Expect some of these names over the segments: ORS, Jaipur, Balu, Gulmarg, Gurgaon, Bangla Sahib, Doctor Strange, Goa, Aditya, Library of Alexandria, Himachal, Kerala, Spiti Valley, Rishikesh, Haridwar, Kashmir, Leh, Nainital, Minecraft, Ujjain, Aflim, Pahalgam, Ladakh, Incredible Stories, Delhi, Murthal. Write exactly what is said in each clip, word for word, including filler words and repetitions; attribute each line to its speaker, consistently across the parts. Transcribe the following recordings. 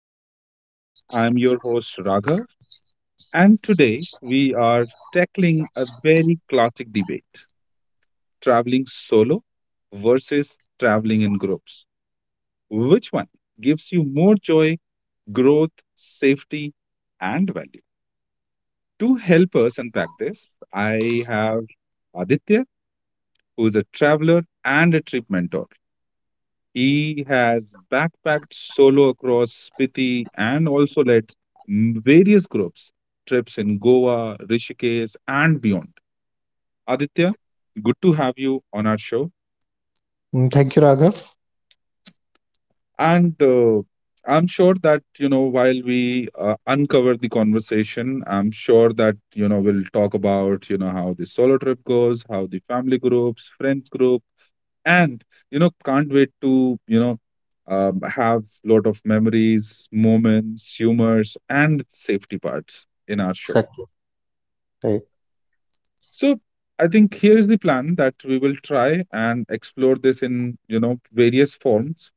Speaker 1: Stories. I'm your host, Raghav, and today we are tackling a very classic debate, traveling solo versus traveling in groups. Which one gives you more joy, growth, safety, and value? To help us unpack this, I have Aditya, who is a traveler and a trip mentor. He has backpacked solo across Spiti and also led m- various groups, trips in Goa, Rishikesh, and beyond. Aditya, good to have you on our show.
Speaker 2: Mm, Thank you, Raghav.
Speaker 1: And uh, I'm sure that, you know, while we uh, uncover the conversation, I'm sure that, you know, we'll talk about, you know, how the solo trip goes, how the family groups, friends groups, and you know can't wait to you know um, have lot of memories, moments, humors, and safety parts in our show.
Speaker 2: Exactly. Right.
Speaker 1: So I think here's the plan that we will try and explore this in you know various forms,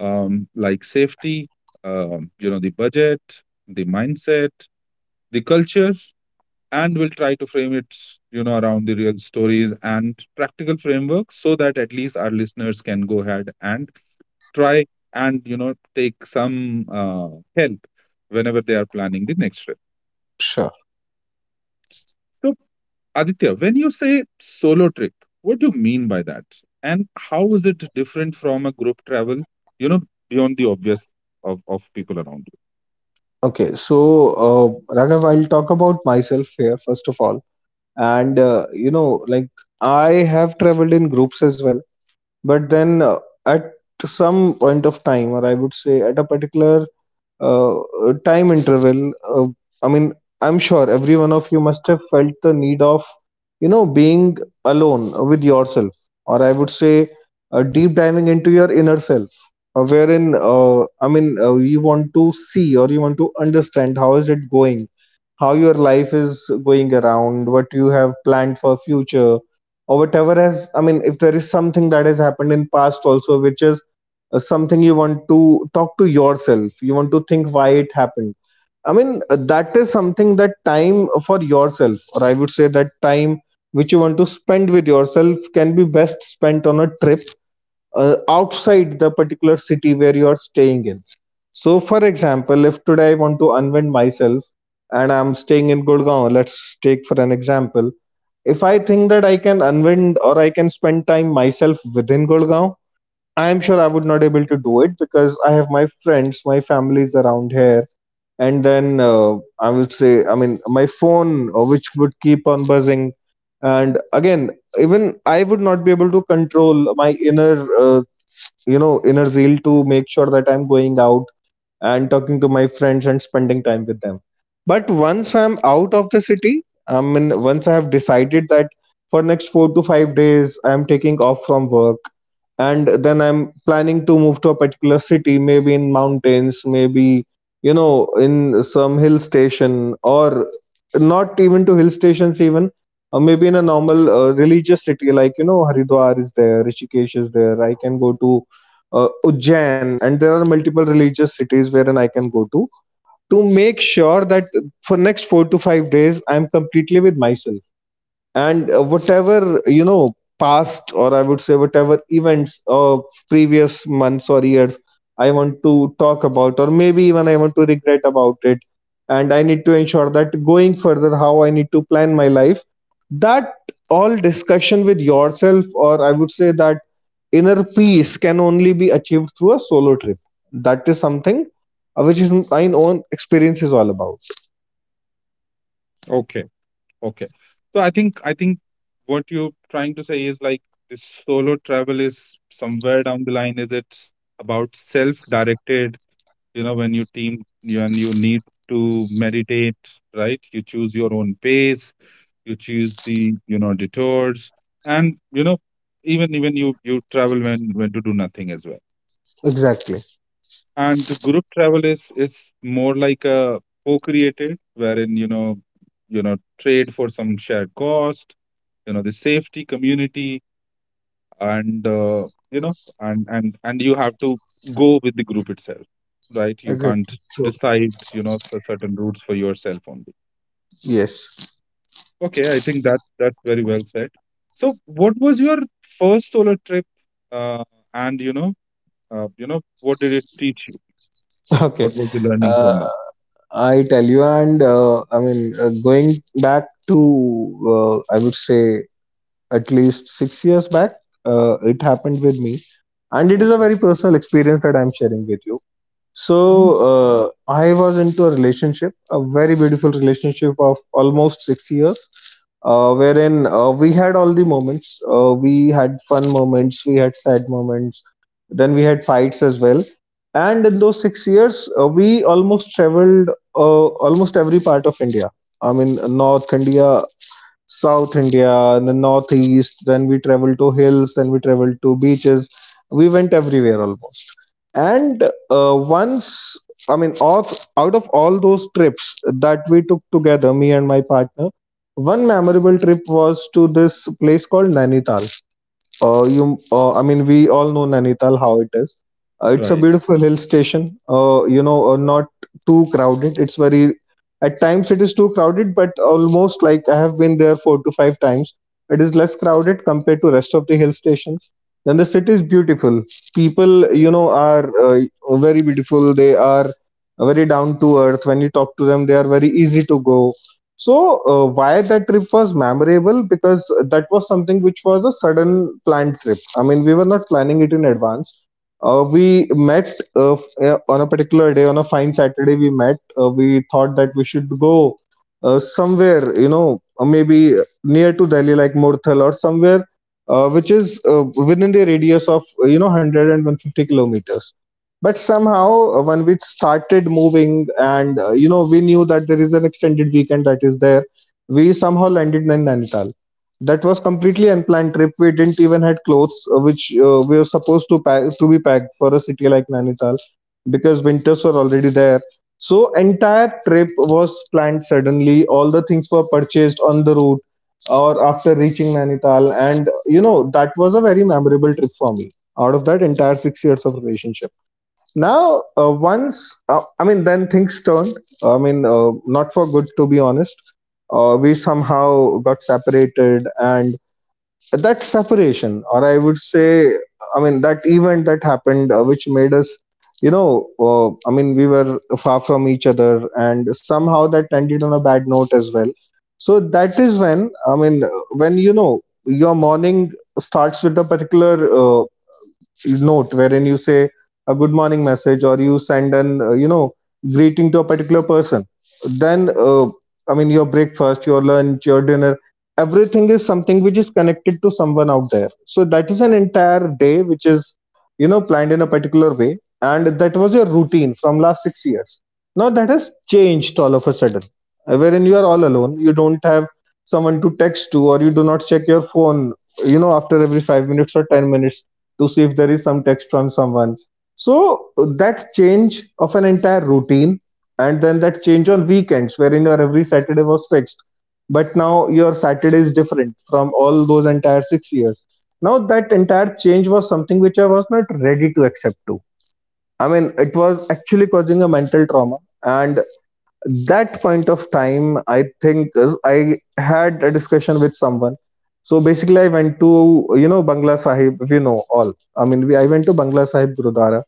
Speaker 1: um, like safety, um, you know the budget, the mindset, the culture, and we'll try to frame it you know around the real stories and practical framework, so that at least our listeners can go ahead and try and you know take some uh, help whenever they are planning the next trip.
Speaker 2: Sure.
Speaker 1: So, Aditya, when you say solo trip, what do you mean by that? And how is it different from a group travel, you know, beyond the obvious of, of people around
Speaker 2: Okay. So, uh, Raghav, I'll talk about myself here, first of all. And, uh, you know, like I have traveled in groups as well. But then uh, at some point of time, or I would say at a particular uh, uh, time interval. Uh, I mean, I'm sure every one of you must have felt the need of, you know, being alone with yourself, or I would say, uh, deep diving into your inner self, uh, wherein, uh, I mean, uh, you want to see or you want to understand how is it going, how your life is going around, what you have planned for future, or whatever has, I mean, if there is something that has happened in past also, which is uh, something you want to talk to yourself, you want to think why it happened. I mean, uh, that is something, that time for yourself, or I would say, that time which you want to spend with yourself can be best spent on a trip uh, outside the particular city where you are staying in. So, for example, if today I want to unwind myself and I'm staying in Gurgaon, let's take for an example. If I think that I can unwind or I can spend time myself within Gurgaon, I am sure I would not able to do it because I have my friends, my families around here, and then uh, I would say, I mean, my phone uh, which would keep on buzzing, and again, even I would not be able to control my inner, uh, you know, inner zeal to make sure that I'm going out and talking to my friends and spending time with them. But once I'm out of the city, I mean, once I have decided that for next four to five days, I'm taking off from work and then I'm planning to move to a particular city, maybe in mountains, maybe, you know, in some hill station, or not even to hill stations even, or maybe in a normal uh, religious city like, you know, Haridwar is there, Rishikesh is there. I can go to uh, Ujjain, and there are multiple religious cities wherein I can go to to make sure that for next four to five days I'm completely with myself. And uh, whatever, you know, past, or I would say, whatever events of previous months or years I want to talk about, or maybe even I want to regret about it, and I need to ensure that going further how I need to plan my life, that all discussion with yourself, or I would say that inner peace, can only be achieved through a solo trip. That is something uh, which is my own experience is all about.
Speaker 1: you? Okay, okay. So I think I think what you're trying to say is like, this solo travel is somewhere down the line, is it about self-directed, you know when you team when you need to meditate, right? You choose your own pace, you choose the you know detours, and you know even even you you travel when when to do nothing as well.
Speaker 2: Exactly.
Speaker 1: And the group travel is is more like a co-created, wherein, you know you know trade for some shared cost, you know the safety community, and uh, you know and and and you have to go with the group itself, right? You can't
Speaker 2: Exactly true.
Speaker 1: decide you know the certain routes for yourself only.
Speaker 2: Yes.
Speaker 1: Okay, I think that that's very well said. So what was your first solo trip, uh, and you know uh, you know what did it teach you?
Speaker 2: Okay.
Speaker 1: What was the learning
Speaker 2: Uh,
Speaker 1: from that?
Speaker 2: I tell you, and uh, I mean, uh, going back to, uh, I would say, at least six years back, uh, it happened with me. And it is a
Speaker 1: Okay.
Speaker 2: very personal experience that I'm sharing with you. So
Speaker 1: Mm,
Speaker 2: uh, I was into a relationship, a very beautiful relationship of almost six years, uh, wherein uh, we had all the moments. Uh, we had fun moments, we had sad moments, then we had fights as well. And in those six years, uh, we almost traveled uh, almost every part of India. I mean, North India, South India, and then Northeast. Then we traveled to hills. Then we traveled to beaches. We went everywhere almost, and uh, once, I mean, out, out of all those trips that we took together, me and my partner, one memorable trip was to this place called Nainital. uh, you, uh, I mean, we all know Nainital how it is. Uh, it's a
Speaker 1: right.
Speaker 2: beautiful hill station. Uh, you know, uh, not too crowded. It's very, at times it is too crowded, but almost like I have been there four to five times. It is less crowded compared to rest of the hill stations. Then the city is beautiful. People, you know, are uh, very beautiful. They are very down to earth. When you talk to them, they are very easy to go. So, uh, why that trip was memorable? Because that was something which was a sudden planned trip. I mean, we were not planning it in advance. Uh, we met uh, f- uh, on a particular day, on a fine Saturday, we met. Uh, we thought that we should go uh, somewhere, you know, uh, maybe near to Delhi, like Murthal or somewhere uh, which is uh, within the radius of, uh, you know, one hundred and one hundred fifty kilometers, but somehow uh, when we started moving and uh, you know, we knew that there is an extended weekend that is there, we somehow landed in Nainital. That was completely unplanned trip. We didn't even had clothes uh, which uh, we were supposed to pack, to be packed, for a city like Nainital, because winters were already there. So entire trip was planned suddenly, all the things were purchased on the route or after reaching Nainital. And you know that was a very memorable trip for me, out of that entire six years of relationship. Now, uh, once, uh, I mean, then things turned. I mean, uh, not for good, to be honest. Uh, we somehow got separated, and that separation, or I would say, I mean, that event that happened, uh, which made us, you know, uh, I mean, we were far from each other, and somehow that ended on a bad note as well. So that is when, I mean, when you know your morning starts with a particular uh, note wherein you say a good morning message, or you send an uh, you know, greeting to a particular person, then uh, I mean your breakfast, your lunch, your dinner, everything is something which is connected to someone out there. So that is an entire day which is, you know, planned in a particular way, and that was your routine from last six years. Now that has changed all of a sudden, uh, wherein you are all alone, you don't have someone to text to, or you do not check your phone, you know, after every five minutes or ten minutes to see if there is some text from someone. So that change of an entire routine, and then that change on weekends wherein your every Saturday was fixed. But now your Saturday is different from all those entire six years. Now that entire change was something which I was not ready to accept to. I mean, it was actually causing a mental trauma, and that point of time I think is, I had a discussion with someone. So basically I went to, you know, Bangla Sahib, if you know all, I mean, we, I went to Bangla Sahib Gurudwara.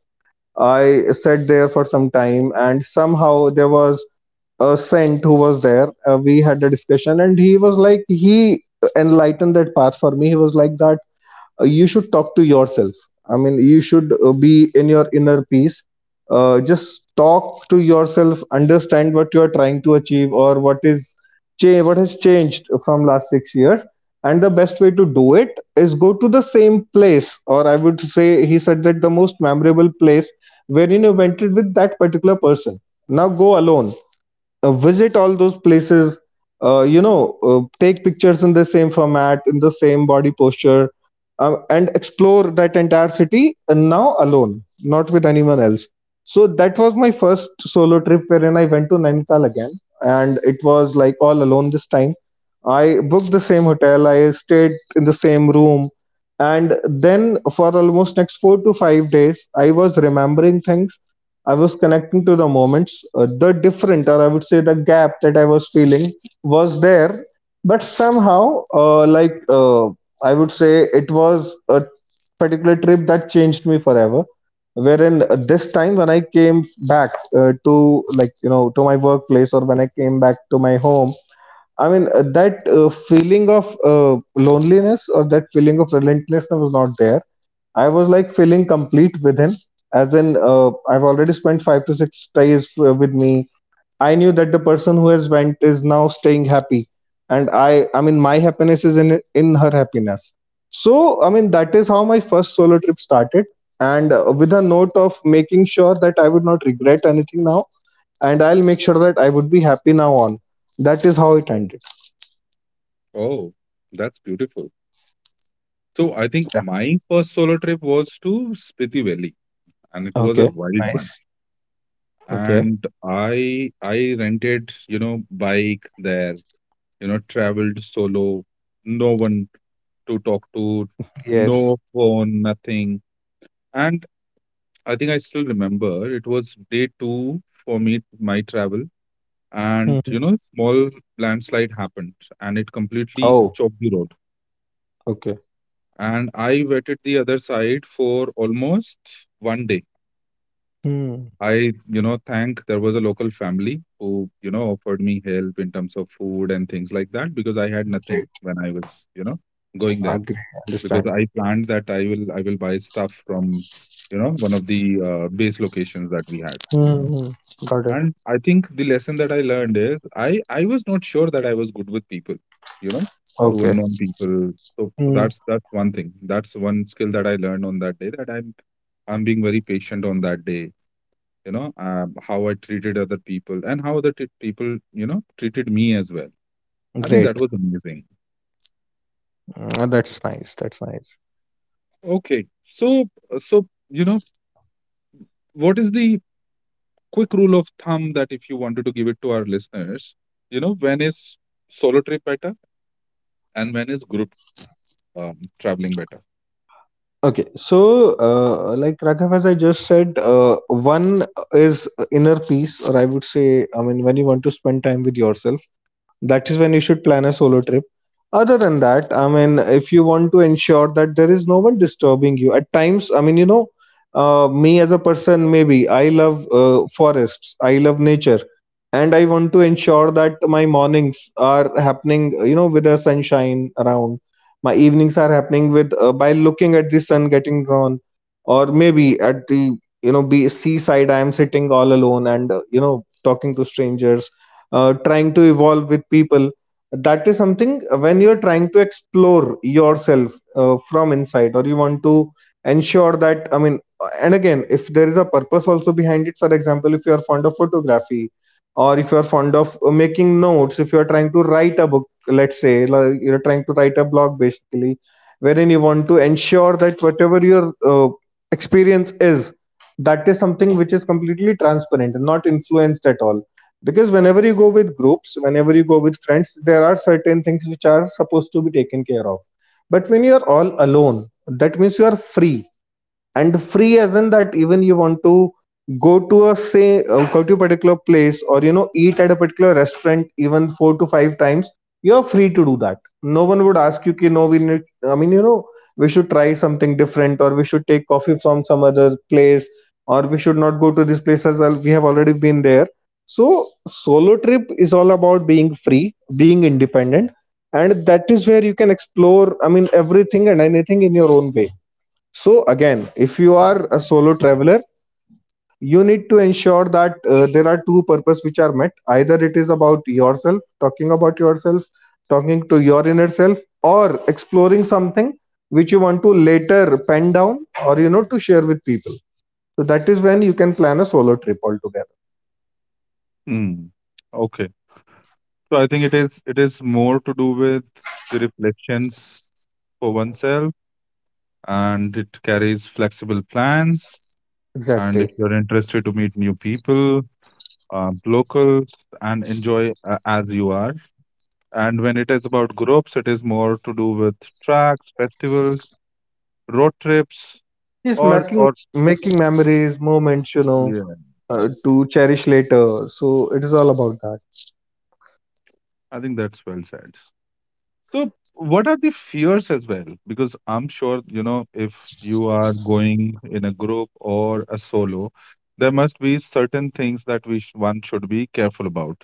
Speaker 2: I sat there for some time, and somehow there was a saint who was there, uh, we had a discussion, and he was like, he enlightened that path for me. He was like that, uh, you should talk to yourself. I mean, you should uh, be in your inner peace. Uh, just talk to yourself, understand what you are trying to achieve, or what is cha- what has changed from last six years. And the best way to do it is go to the same place, or I would say, he said that the most memorable place wherein you went with that particular person, now go alone. Uh, visit all those places, uh, you know, uh, take pictures in the same format, in the same body posture, uh, and explore that entire city, and now alone, not with anyone else. So that was my first solo trip, wherein I went to Nainital again, and it was like all alone this time. I booked the same hotel, I stayed in the same room, and then for almost next four to five days I was remembering things, I was connecting to the moments. Uh, the different, or I would say the gap that I was feeling was there. But somehow, uh, like, uh, I would say it was a particular trip that changed me forever. Wherein uh, this time, when I came back uh, to, like, you know, to my workplace, or when I came back to my home, I mean, uh, that uh, feeling of uh, loneliness, or that feeling of relentlessness, was not there. I was like feeling complete with him. As in, uh, I've already spent five to six days uh, with me. I knew that the person who has went is now staying happy, and I, I mean, my happiness is in in her happiness. So, I mean, that is how my first solo trip started, and uh, with a note of making sure that I would not regret anything now, and I'll make sure that I would be happy now on. That is how it ended.
Speaker 1: Oh, that's beautiful. So I think
Speaker 2: Yeah.
Speaker 1: my first solo trip was to Spiti Valley, and it was a
Speaker 2: Okay.
Speaker 1: wild one.
Speaker 2: Nice. Okay.
Speaker 1: And i i rented you know bike there, you know traveled solo, no one to talk to, no
Speaker 2: Yes.
Speaker 1: phone, nothing. And I think I still remember, it was day two for me my travel, and you
Speaker 2: Hmm.
Speaker 1: know small landslide happened, and it completely
Speaker 2: Oh.
Speaker 1: chopped the road.
Speaker 2: Okay.
Speaker 1: And I waited the other side for almost one day.
Speaker 2: Hmm.
Speaker 1: I, you know, thank there was a local family who, you know, offered me help in terms of food and things like that, because I had nothing when I was, you know, going there.
Speaker 2: Agree.
Speaker 1: Because
Speaker 2: Understand.
Speaker 1: I planned that I will I will buy stuff from, you know, one of the uh, base locations that we had.
Speaker 2: Mm-hmm. Got it.
Speaker 1: And I think the lesson that I learned is I I was not sure that I was good with people, you know, to
Speaker 2: Okay.
Speaker 1: unknown people. So, so
Speaker 2: Mm.
Speaker 1: that's that's one thing. That's one skill that I learned on that day, that I'm I'm being very patient on that day, you know, uh, how I treated other people and how other t- people, you know, treated me as well. I think
Speaker 2: Great.
Speaker 1: that was amazing.
Speaker 2: Mm, that's nice. That's nice.
Speaker 1: Okay. So, so, you know, what is the quick rule of thumb that if you wanted to give it to our listeners, you know, when is solo trip better and when is group um, traveling better?
Speaker 2: Okay. So, uh, like Raghav, as I just said, uh, one is inner peace, or I would say, I mean, when you want to spend time with yourself. That is when you should plan a solo trip. Other than that, I mean, if you want to ensure that there is no one disturbing you at times, I mean, you know, uh, me as a person, maybe I love uh, forests, I love nature, and I want to ensure that my mornings are happening, you know, with the sunshine around, my evenings are happening with, uh, by looking at the sun getting drawn, or maybe at the, you know, be seaside, I am sitting all alone, and uh, you know, talking to strangers, uh, trying to evolve with people. That is something, uh, when you're trying to explore yourself, uh, from inside, or you want to ensure that, I mean, uh, and again, if there is a purpose also behind it, for example, if you are fond of photography, or if you are fond of uh, making notes, if you are trying to write a book, let's say, like you're trying to write a blog basically, wherein you want to ensure that whatever your uh, experience is, that is something which is completely transparent and not influenced at all, because whenever you go with groups, whenever you go with friends, there are certain things which are supposed to be taken care of. But when you are all alone, that means you are free, and free as in that even you want to go to a say uh, go to a particular place, or you know, eat at a particular restaurant even four to five times, you're free to do that. No one would ask you, "Ki, no, we need, I mean, you know, we should try something different, or we should take coffee from some other place, or we should not go to this place as well, we have already been there." So, solo trip is all about being free, being independent, and that is where you can explore, I mean, everything and anything in your own way. So again, if you are a solo traveler, you need to ensure that uh, there are two purposes which are met. Either it is about yourself, talking about yourself, talking to your inner self, or exploring something which you want to later pen down, or you know, to share with people. So that is when you can plan a solo trip altogether.
Speaker 1: Hmm. Okay. So I think it is it is more to do with the reflections for oneself, and it carries flexible plans, and if
Speaker 2: Exactly.
Speaker 1: you're interested to meet new people, uh, locals, and enjoy uh, as you are. And when it is about groups, it is more to do with tracks, festivals, road trips,
Speaker 2: Just
Speaker 1: or
Speaker 2: making
Speaker 1: or
Speaker 2: making memories, moments, you know,
Speaker 1: yes,
Speaker 2: uh, to cherish later. So it is all about that.
Speaker 1: I think that's well said. So, what are the fears as well? Because I'm sure you know if you are going in a group or a solo, there must be certain things that we sh- one should be careful about.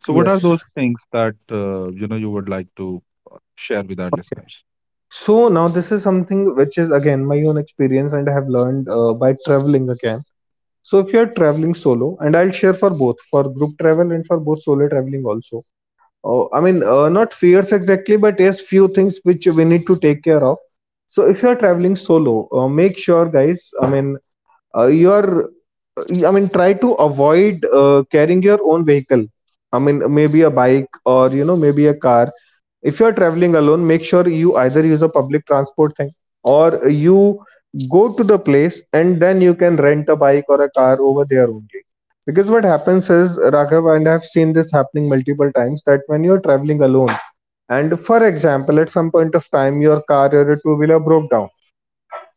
Speaker 1: So, what are
Speaker 2: Yes.
Speaker 1: those things that uh, you know you would like to uh, share with our listeners?
Speaker 2: So now this is something which is again my own experience, and I have learned uh, by traveling again. So if you're traveling solo, and I'll share for both, for group travel and for both solo traveling also. Uh, I mean, uh, not fears exactly, but yes, few things which we need to take care of. So if you're traveling solo, uh, make sure guys. I mean, uh, you are, I mean, try to avoid uh, carrying your own vehicle, I mean, maybe a bike, or you know, maybe a car. If you are traveling alone, make sure you either use a public transport thing, or you go to the place and then you can rent a bike or a car over there only. Because what happens is, Raghav, and I have seen this happening multiple times, that when you are traveling alone, and for example, at some point of time your car or a two wheeler broke down,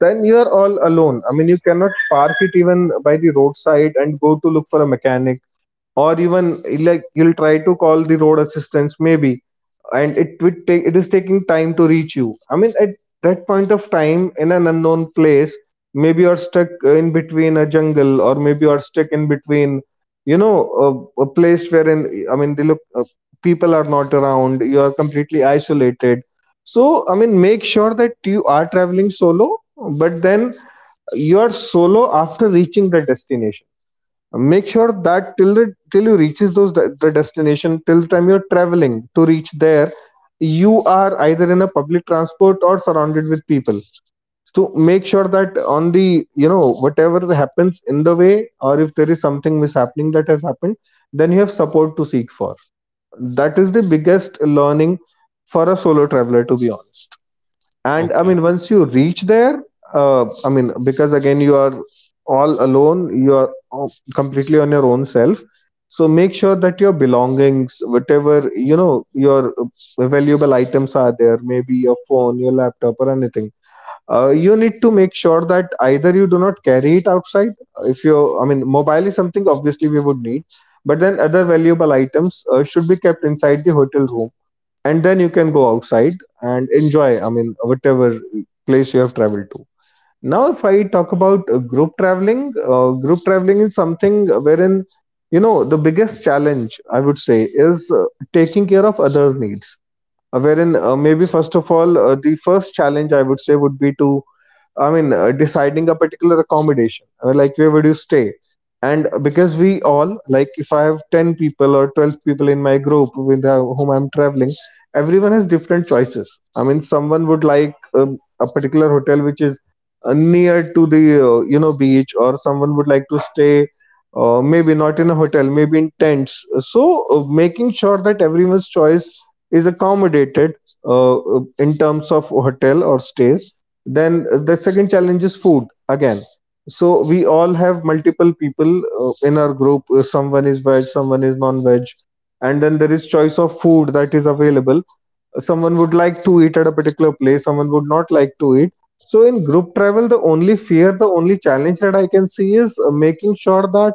Speaker 2: then you are all alone. I mean, you cannot park it even by the roadside and go to look for a mechanic, or even like you'll try to call the road assistance maybe, and it would take it is taking time to reach you, I mean, at that point of time in an unknown place, maybe you're stuck in between a jungle, or maybe you're stuck in between, you know, a, a place wherein, I mean, they look uh, people are not around, you are completely isolated. So, I mean, make sure that you are traveling solo, but then you are solo after reaching the destination. Make sure that till the till you reaches those de- the destination, till the time you're traveling to reach there, you are either in a public transport or surrounded with people, to make sure that on the, you know, whatever happens in the way, or if there is something mishappening that has happened, then you have support to seek for. That is the biggest learning for a solo traveler, to be honest. And I
Speaker 1: Okay.
Speaker 2: mean, once you reach there, uh, I mean, because again, you are all alone, you are uh, completely on your own self. So make sure that your belongings, whatever, you know, your uh, valuable items are there, maybe your phone, your laptop, or anything, uh, you need to make sure that either you do not carry it outside. If you, I mean, mobile is something obviously we would need, but then other valuable items uh, should be kept inside the hotel room, and then you can go outside and enjoy, I mean, whatever place you have traveled to. Now if I talk about uh, group traveling, uh, group traveling is something wherein, you know, the biggest challenge I would say is uh, taking care of others needs, uh, wherein, uh, maybe first of all, uh, the first challenge I would say would be to, I mean, uh, deciding a particular accommodation, uh, like where would you stay. And because we all like, if I have ten people or twelve people in my group with, uh, whom I'm traveling, everyone has different choices. I mean, someone would like um, a particular hotel which is uh, near to the, uh, you know, beach, or someone would like to stay, uh, maybe not in a hotel, maybe in tents. So, uh, making sure that everyone's choice is accommodated, uh, in terms of hotel or stays. Then the second challenge is food again. So we all have multiple people, uh, in our group. Uh, someone is veg, someone is non veg, and then there is choice of food that is available. Someone would like to eat at a particular place, someone would not like to eat. So in group travel, the only fear, the only challenge that I can see is uh, making sure that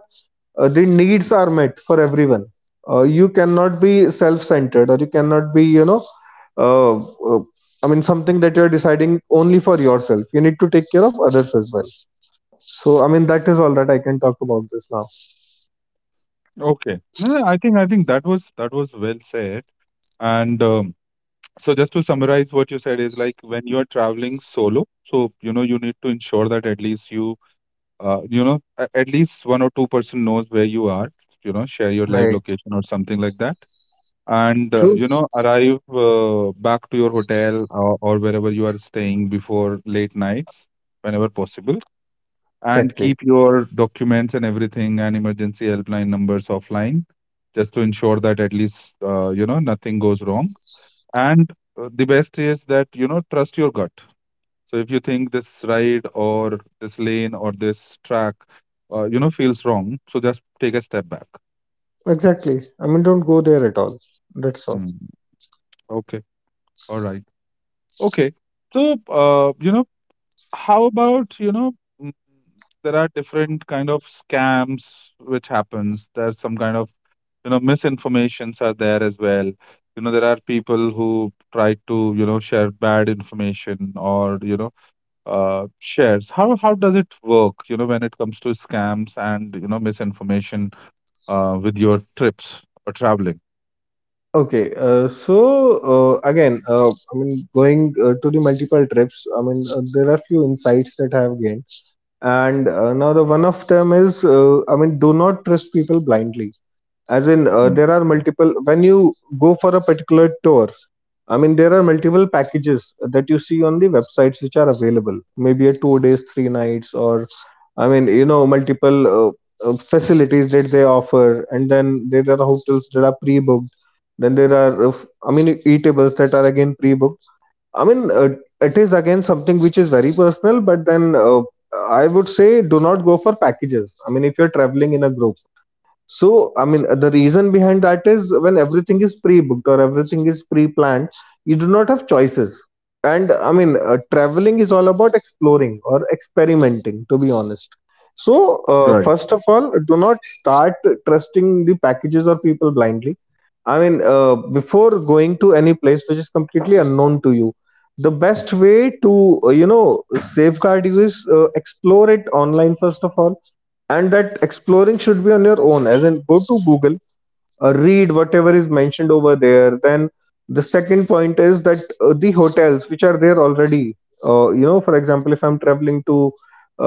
Speaker 2: uh, the needs are met for everyone. Uh, you cannot be self-centered, or you cannot be, you know, uh, uh, I mean, something that you're deciding only for yourself, you need to take care of others as well. So, I mean, that is all that I can talk about this now.
Speaker 1: Okay. No, no, I think I think that was that was well said. And um, so just to summarize what you said is like, when you are traveling solo, so you know you need to ensure that at least you uh, you know a- at least one or two person knows where you are, you know, share your live
Speaker 2: Right.
Speaker 1: location or something like that. And uh,
Speaker 2: True.
Speaker 1: you know arrive uh, back to your hotel or, or wherever you are staying before late nights whenever possible, and
Speaker 2: Exactly.
Speaker 1: keep your documents and everything, and emergency helpline numbers offline, just to ensure that at least uh, you know nothing goes wrong. And uh, the best is that you know trust your gut. So if you think this ride or this lane or this track uh, you know feels wrong, so just take a step back.
Speaker 2: Exactly, I mean, don't go there at all, that's all.
Speaker 1: Mm, okay, all right, okay. So uh, you know how about you know mm, there are different kind of scams which happens? There's some kind of you know misinformations are there as well, you know there are people who try to you know share bad information, or you know uh, shares how how does it work, you know when it comes to scams and you know misinformation uh, with your trips or traveling?
Speaker 2: Okay, uh, so, uh, again, uh, I mean, going uh, to the multiple trips, I mean, uh, there are few insights that I have gained, and uh, now, the one of them is, uh, I mean, do not trust people blindly. As in, uh,
Speaker 1: Mm.
Speaker 2: there are multiple, when you go for a particular tour, I mean, there are multiple packages that you see on the websites which are available, maybe a two days three nights, or I mean, you know, multiple uh, uh, facilities that they offer, and then there are hotels that are pre-booked, then there are uh, f- I mean, eatables that are again pre-booked. I mean, uh, it is again something which is very personal, but then, uh, I would say do not go for packages, I mean, if you're traveling in a group. So, I mean, the reason behind that is when everything is pre-booked or everything is pre-planned, you do not have choices. And I mean, uh, traveling is all about exploring or experimenting, to be honest. So, uh,
Speaker 1: Right.
Speaker 2: first of all, do not start trusting the packages or people blindly. I mean, uh, before going to any place which is completely unknown to you, the best way to, uh, you know, safeguard you is, uh, explore it online, first of all, and that exploring should be on your own, as in go to Google, uh, read whatever is mentioned over there. Then the second point is that, uh, the hotels which are there already, uh, you know, for example, if I'm traveling to,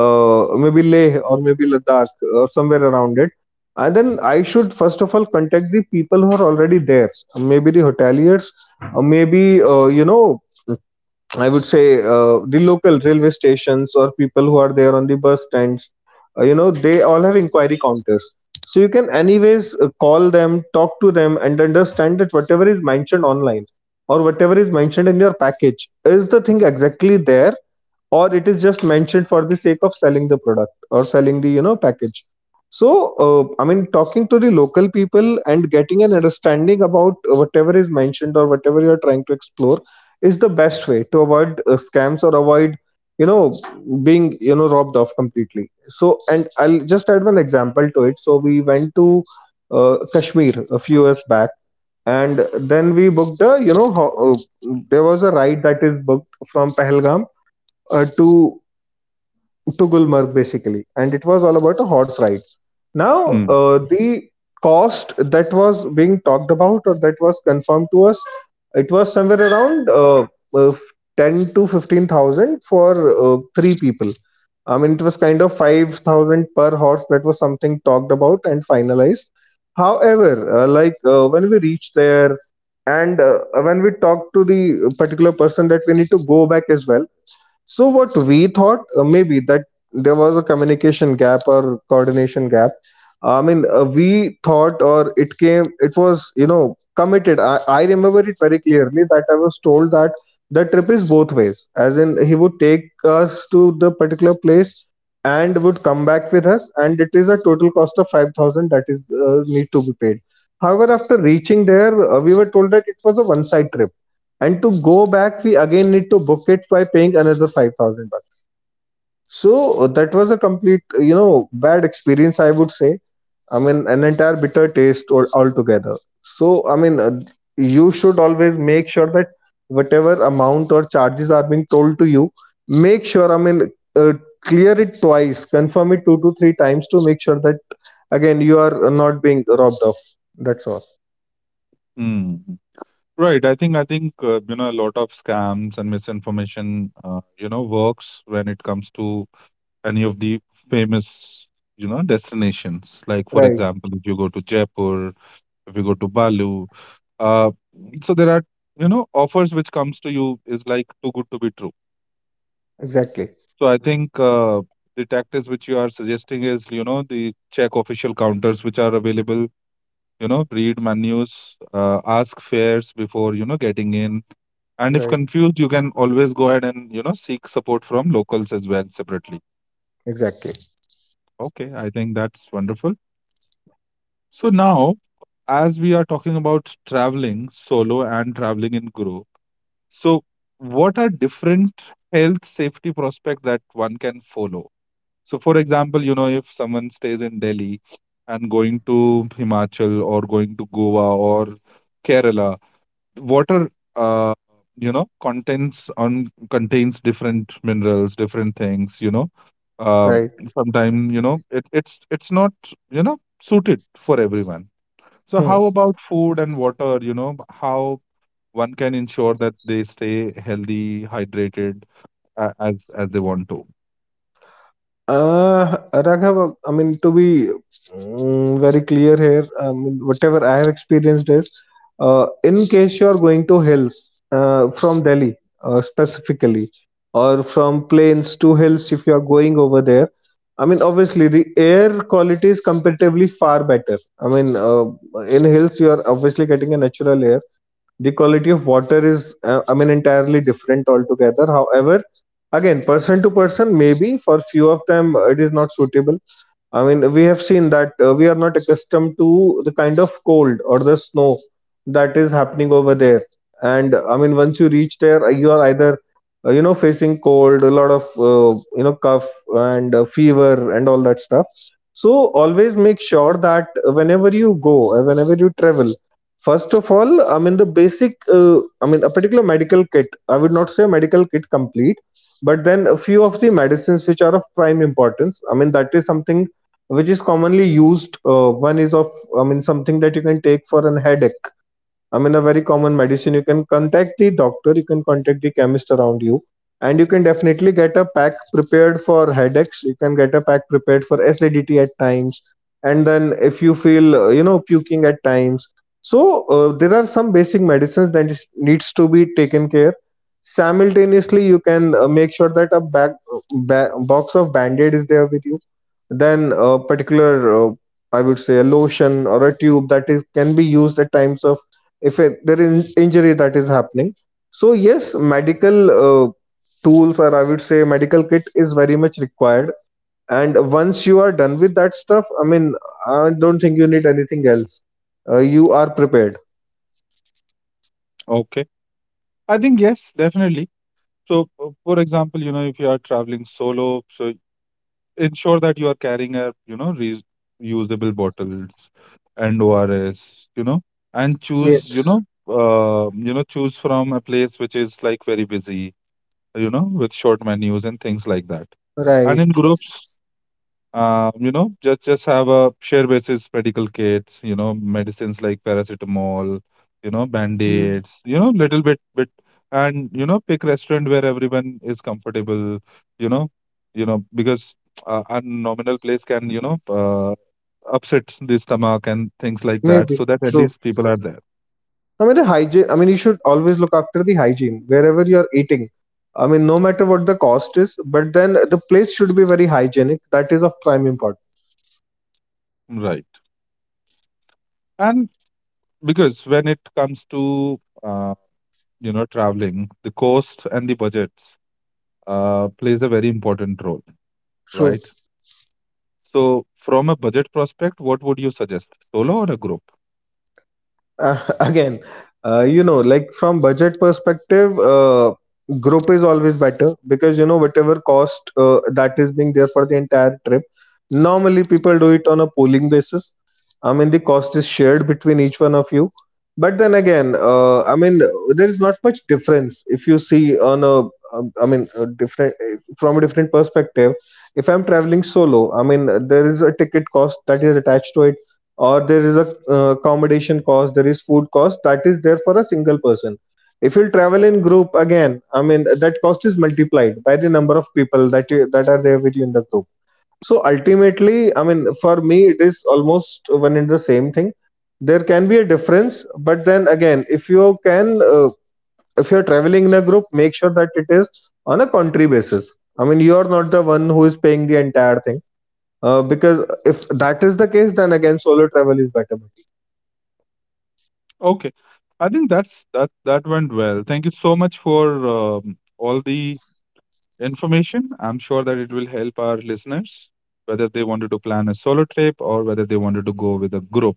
Speaker 2: uh, maybe Leh, or maybe Ladakh, or somewhere around it, and then I should first of all contact the people who are already there, maybe the hoteliers, or maybe, uh, you know, I would say, uh, the local railway stations, or people who are there on the bus stands, uh, you know, they all have inquiry counters. So you can, anyways, uh, call them, talk to them, and understand that whatever is mentioned online or whatever is mentioned in your package is the thing exactly there, or it is just mentioned for the sake of selling the product or selling the you know package. So uh, I mean, Talking to the local people and getting an understanding about whatever is mentioned or whatever you are trying to explore is the best way to avoid uh, scams or avoid you know being you know robbed off completely. So and I'll just add one example to it. So we went to uh, Kashmir a few years back, and then we booked a you know ho- uh, there was a ride that is booked from Pahalgam uh, to to Gulmarg basically, and it was all about a horse ride. Now,
Speaker 1: Mm.
Speaker 2: uh, the cost that was being talked about or that was confirmed to us, it was somewhere around uh, uh, ten to fifteen thousand for uh, three people. I mean, it was kind of five thousand per horse. That was something talked about and finalized. However, uh, like uh, when we reached there and uh, when we talked to the particular person that we need to go back as well, so what we thought uh, maybe that there was a communication gap or coordination gap. I mean, uh, we thought, or it came, it was, you know, committed. I, I remember it very clearly that I was told that the trip is both ways, as in he would take us to the particular place and would come back with us, and it is a total cost of five thousand that is uh, need to be paid. However, after reaching there, uh, we were told that it was a one side trip, and to go back we again need to book it by paying another five thousand bucks. So uh, that was a complete you know bad experience, I would say. I mean, an entire bitter taste all, altogether. so i mean uh, you should always make sure that whatever amount or charges are being told to you, make sure, i mean uh, clear it twice, confirm it two to three times to make sure that again you are uh, not being robbed of. That's all.
Speaker 1: Mm. Right. I think I think uh, you know a lot of scams and misinformation uh, you know works when it comes to any of the famous you know destinations. Like for
Speaker 2: Right,
Speaker 1: example, if you go to Jaipur, if you go to Balu, uh, so there are you know offers which comes to you is like too good to be true.
Speaker 2: exactly.
Speaker 1: So I think uh, the tactics which you are suggesting is you know the check official counters which are available. You know, read menus, uh, ask fares before you know getting in. And if
Speaker 2: Right,
Speaker 1: confused, you can always go ahead and, you know, seek support from locals as well separately.
Speaker 2: exactly.
Speaker 1: Okay, I think that's wonderful. So now, as we are talking about traveling solo and traveling in group, so what are different health safety prospects that one can follow? So, for example, you know, if someone stays in Delhi and going to Himachal or going to Goa or Kerala, water uh, you know contents on contains different minerals, different things, you know um,
Speaker 2: Right.
Speaker 1: sometimes you know it, it's it's not you know suited for everyone, so
Speaker 2: Hmm.
Speaker 1: how about food and water, you know how one can ensure that they stay healthy, hydrated, uh, as as they want to.
Speaker 2: Uh, Raghav, I mean, to be mm, very clear here, I mean, whatever I have experienced is, uh, in case you are going to hills uh, from Delhi uh, specifically, or from plains to hills if you are going over there, I mean, obviously the air quality is comparatively far better. I mean, uh, in hills you are obviously getting a natural air, the quality of water is uh, i mean entirely different altogether. However, again person to person, maybe for few of them uh, it is not suitable. I mean, we have seen that uh, we are not accustomed to the kind of cold or the snow that is happening over there. And I mean, once you reach there, uh, you are either uh, you know facing cold, a lot of uh, you know cough and uh, fever and all that stuff. So always make sure that whenever you go, uh, whenever you travel, first of all, I mean the basic, uh, I mean a particular medical kit. I would not say medical kit complete, but then a few of the medicines which are of prime importance. I mean, that is something which is commonly used. Uh, one is of, I mean, something that you can take for an headache. I mean, a very common medicine. You can contact the doctor, you can contact the chemist around you, and you can definitely get a pack prepared for headaches. You can get a pack prepared for acidity at times, and then if you feel uh, you know puking at times. So uh, there are some basic medicines that is, needs to be taken care. Simultaneously, you can uh, make sure that a back, ba- box of band-aid is there with you, then a particular uh, I would say a lotion or a tube that is can be used at times of if it, there is injury that is happening. So yes, medical uh, tools, or I would say medical kit is very much required. And once you are done with that stuff, I mean, I don't think you need anything else. Uh, you are prepared.
Speaker 1: Okay, I think yes, definitely. So uh, for example, you know if you are traveling solo, so ensure that you are carrying a you know reusable bottles and O R S, you know, and choose you
Speaker 2: Yes,
Speaker 1: know uh, you know choose from a place which is like very busy, you know, with short menus and things like that. And in
Speaker 2: right.
Speaker 1: group, um, you know, just just have a share basis medical kits, you know, medicines like paracetamol, you know,
Speaker 2: Mm,
Speaker 1: band-aids, you know, little bit bit, and you know, pick restaurant where everyone is comfortable, you know, you know, because uh, a nominal place can you know uh, upset the stomach and things like that,
Speaker 2: maybe
Speaker 1: so that at
Speaker 2: true.
Speaker 1: least people are there,
Speaker 2: I mean, the hygiene. I mean, you should always look after the hygiene wherever you are eating. I mean, no matter what the cost is, but then the place should be very hygienic. That is of prime importance.
Speaker 1: right? And because when it comes to uh, you know traveling, the cost and the budgets uh, plays a very important role,
Speaker 2: True.
Speaker 1: right? So, from a budget prospect, what would you suggest, solo or a group?
Speaker 2: Uh, again, uh, you know like from budget perspective, uh, group is always better, because you know whatever cost uh, that is being there for the entire trip, normally people do it on a pooling basis. I mean, the cost is shared between each one of you. But then again, uh, I mean, there is not much difference if you see on a um, I mean a different from a different perspective. If I'm traveling solo, I mean there is a ticket cost that is attached to, or there is a uh, accommodation cost, there is food cost that is there for a single person. If you travel in group, again I mean that cost is multiplied by the number of people that you, that are there with you in the group. So ultimately, I mean, for me it is almost one and the same thing. There can be a difference, but then again, if you can, uh, if you're traveling in a group, make sure that it is on a country basis. I mean, you are not the one who is paying the entire thing, uh, because if that is the case, then again solo travel is better.
Speaker 1: Okay, I think that's that that went well. Thank you so much for um, all the information. I'm sure that it will help our listeners whether they wanted to plan a solo trip or whether they wanted to go with a group.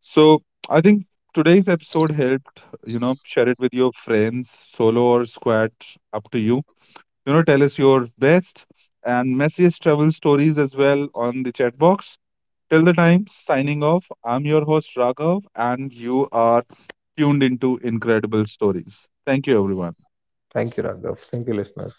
Speaker 1: So, I think today's episode helped, you know, share it with your friends, solo or squad, up to you. You know, tell us your best and messiest travel stories as well on the chat box. Till the time, signing off, I'm your host Raghav, and you are tuned into Incredible Stories. Thank you, everyone.
Speaker 2: Thank you, Raghav. Thank you, listeners.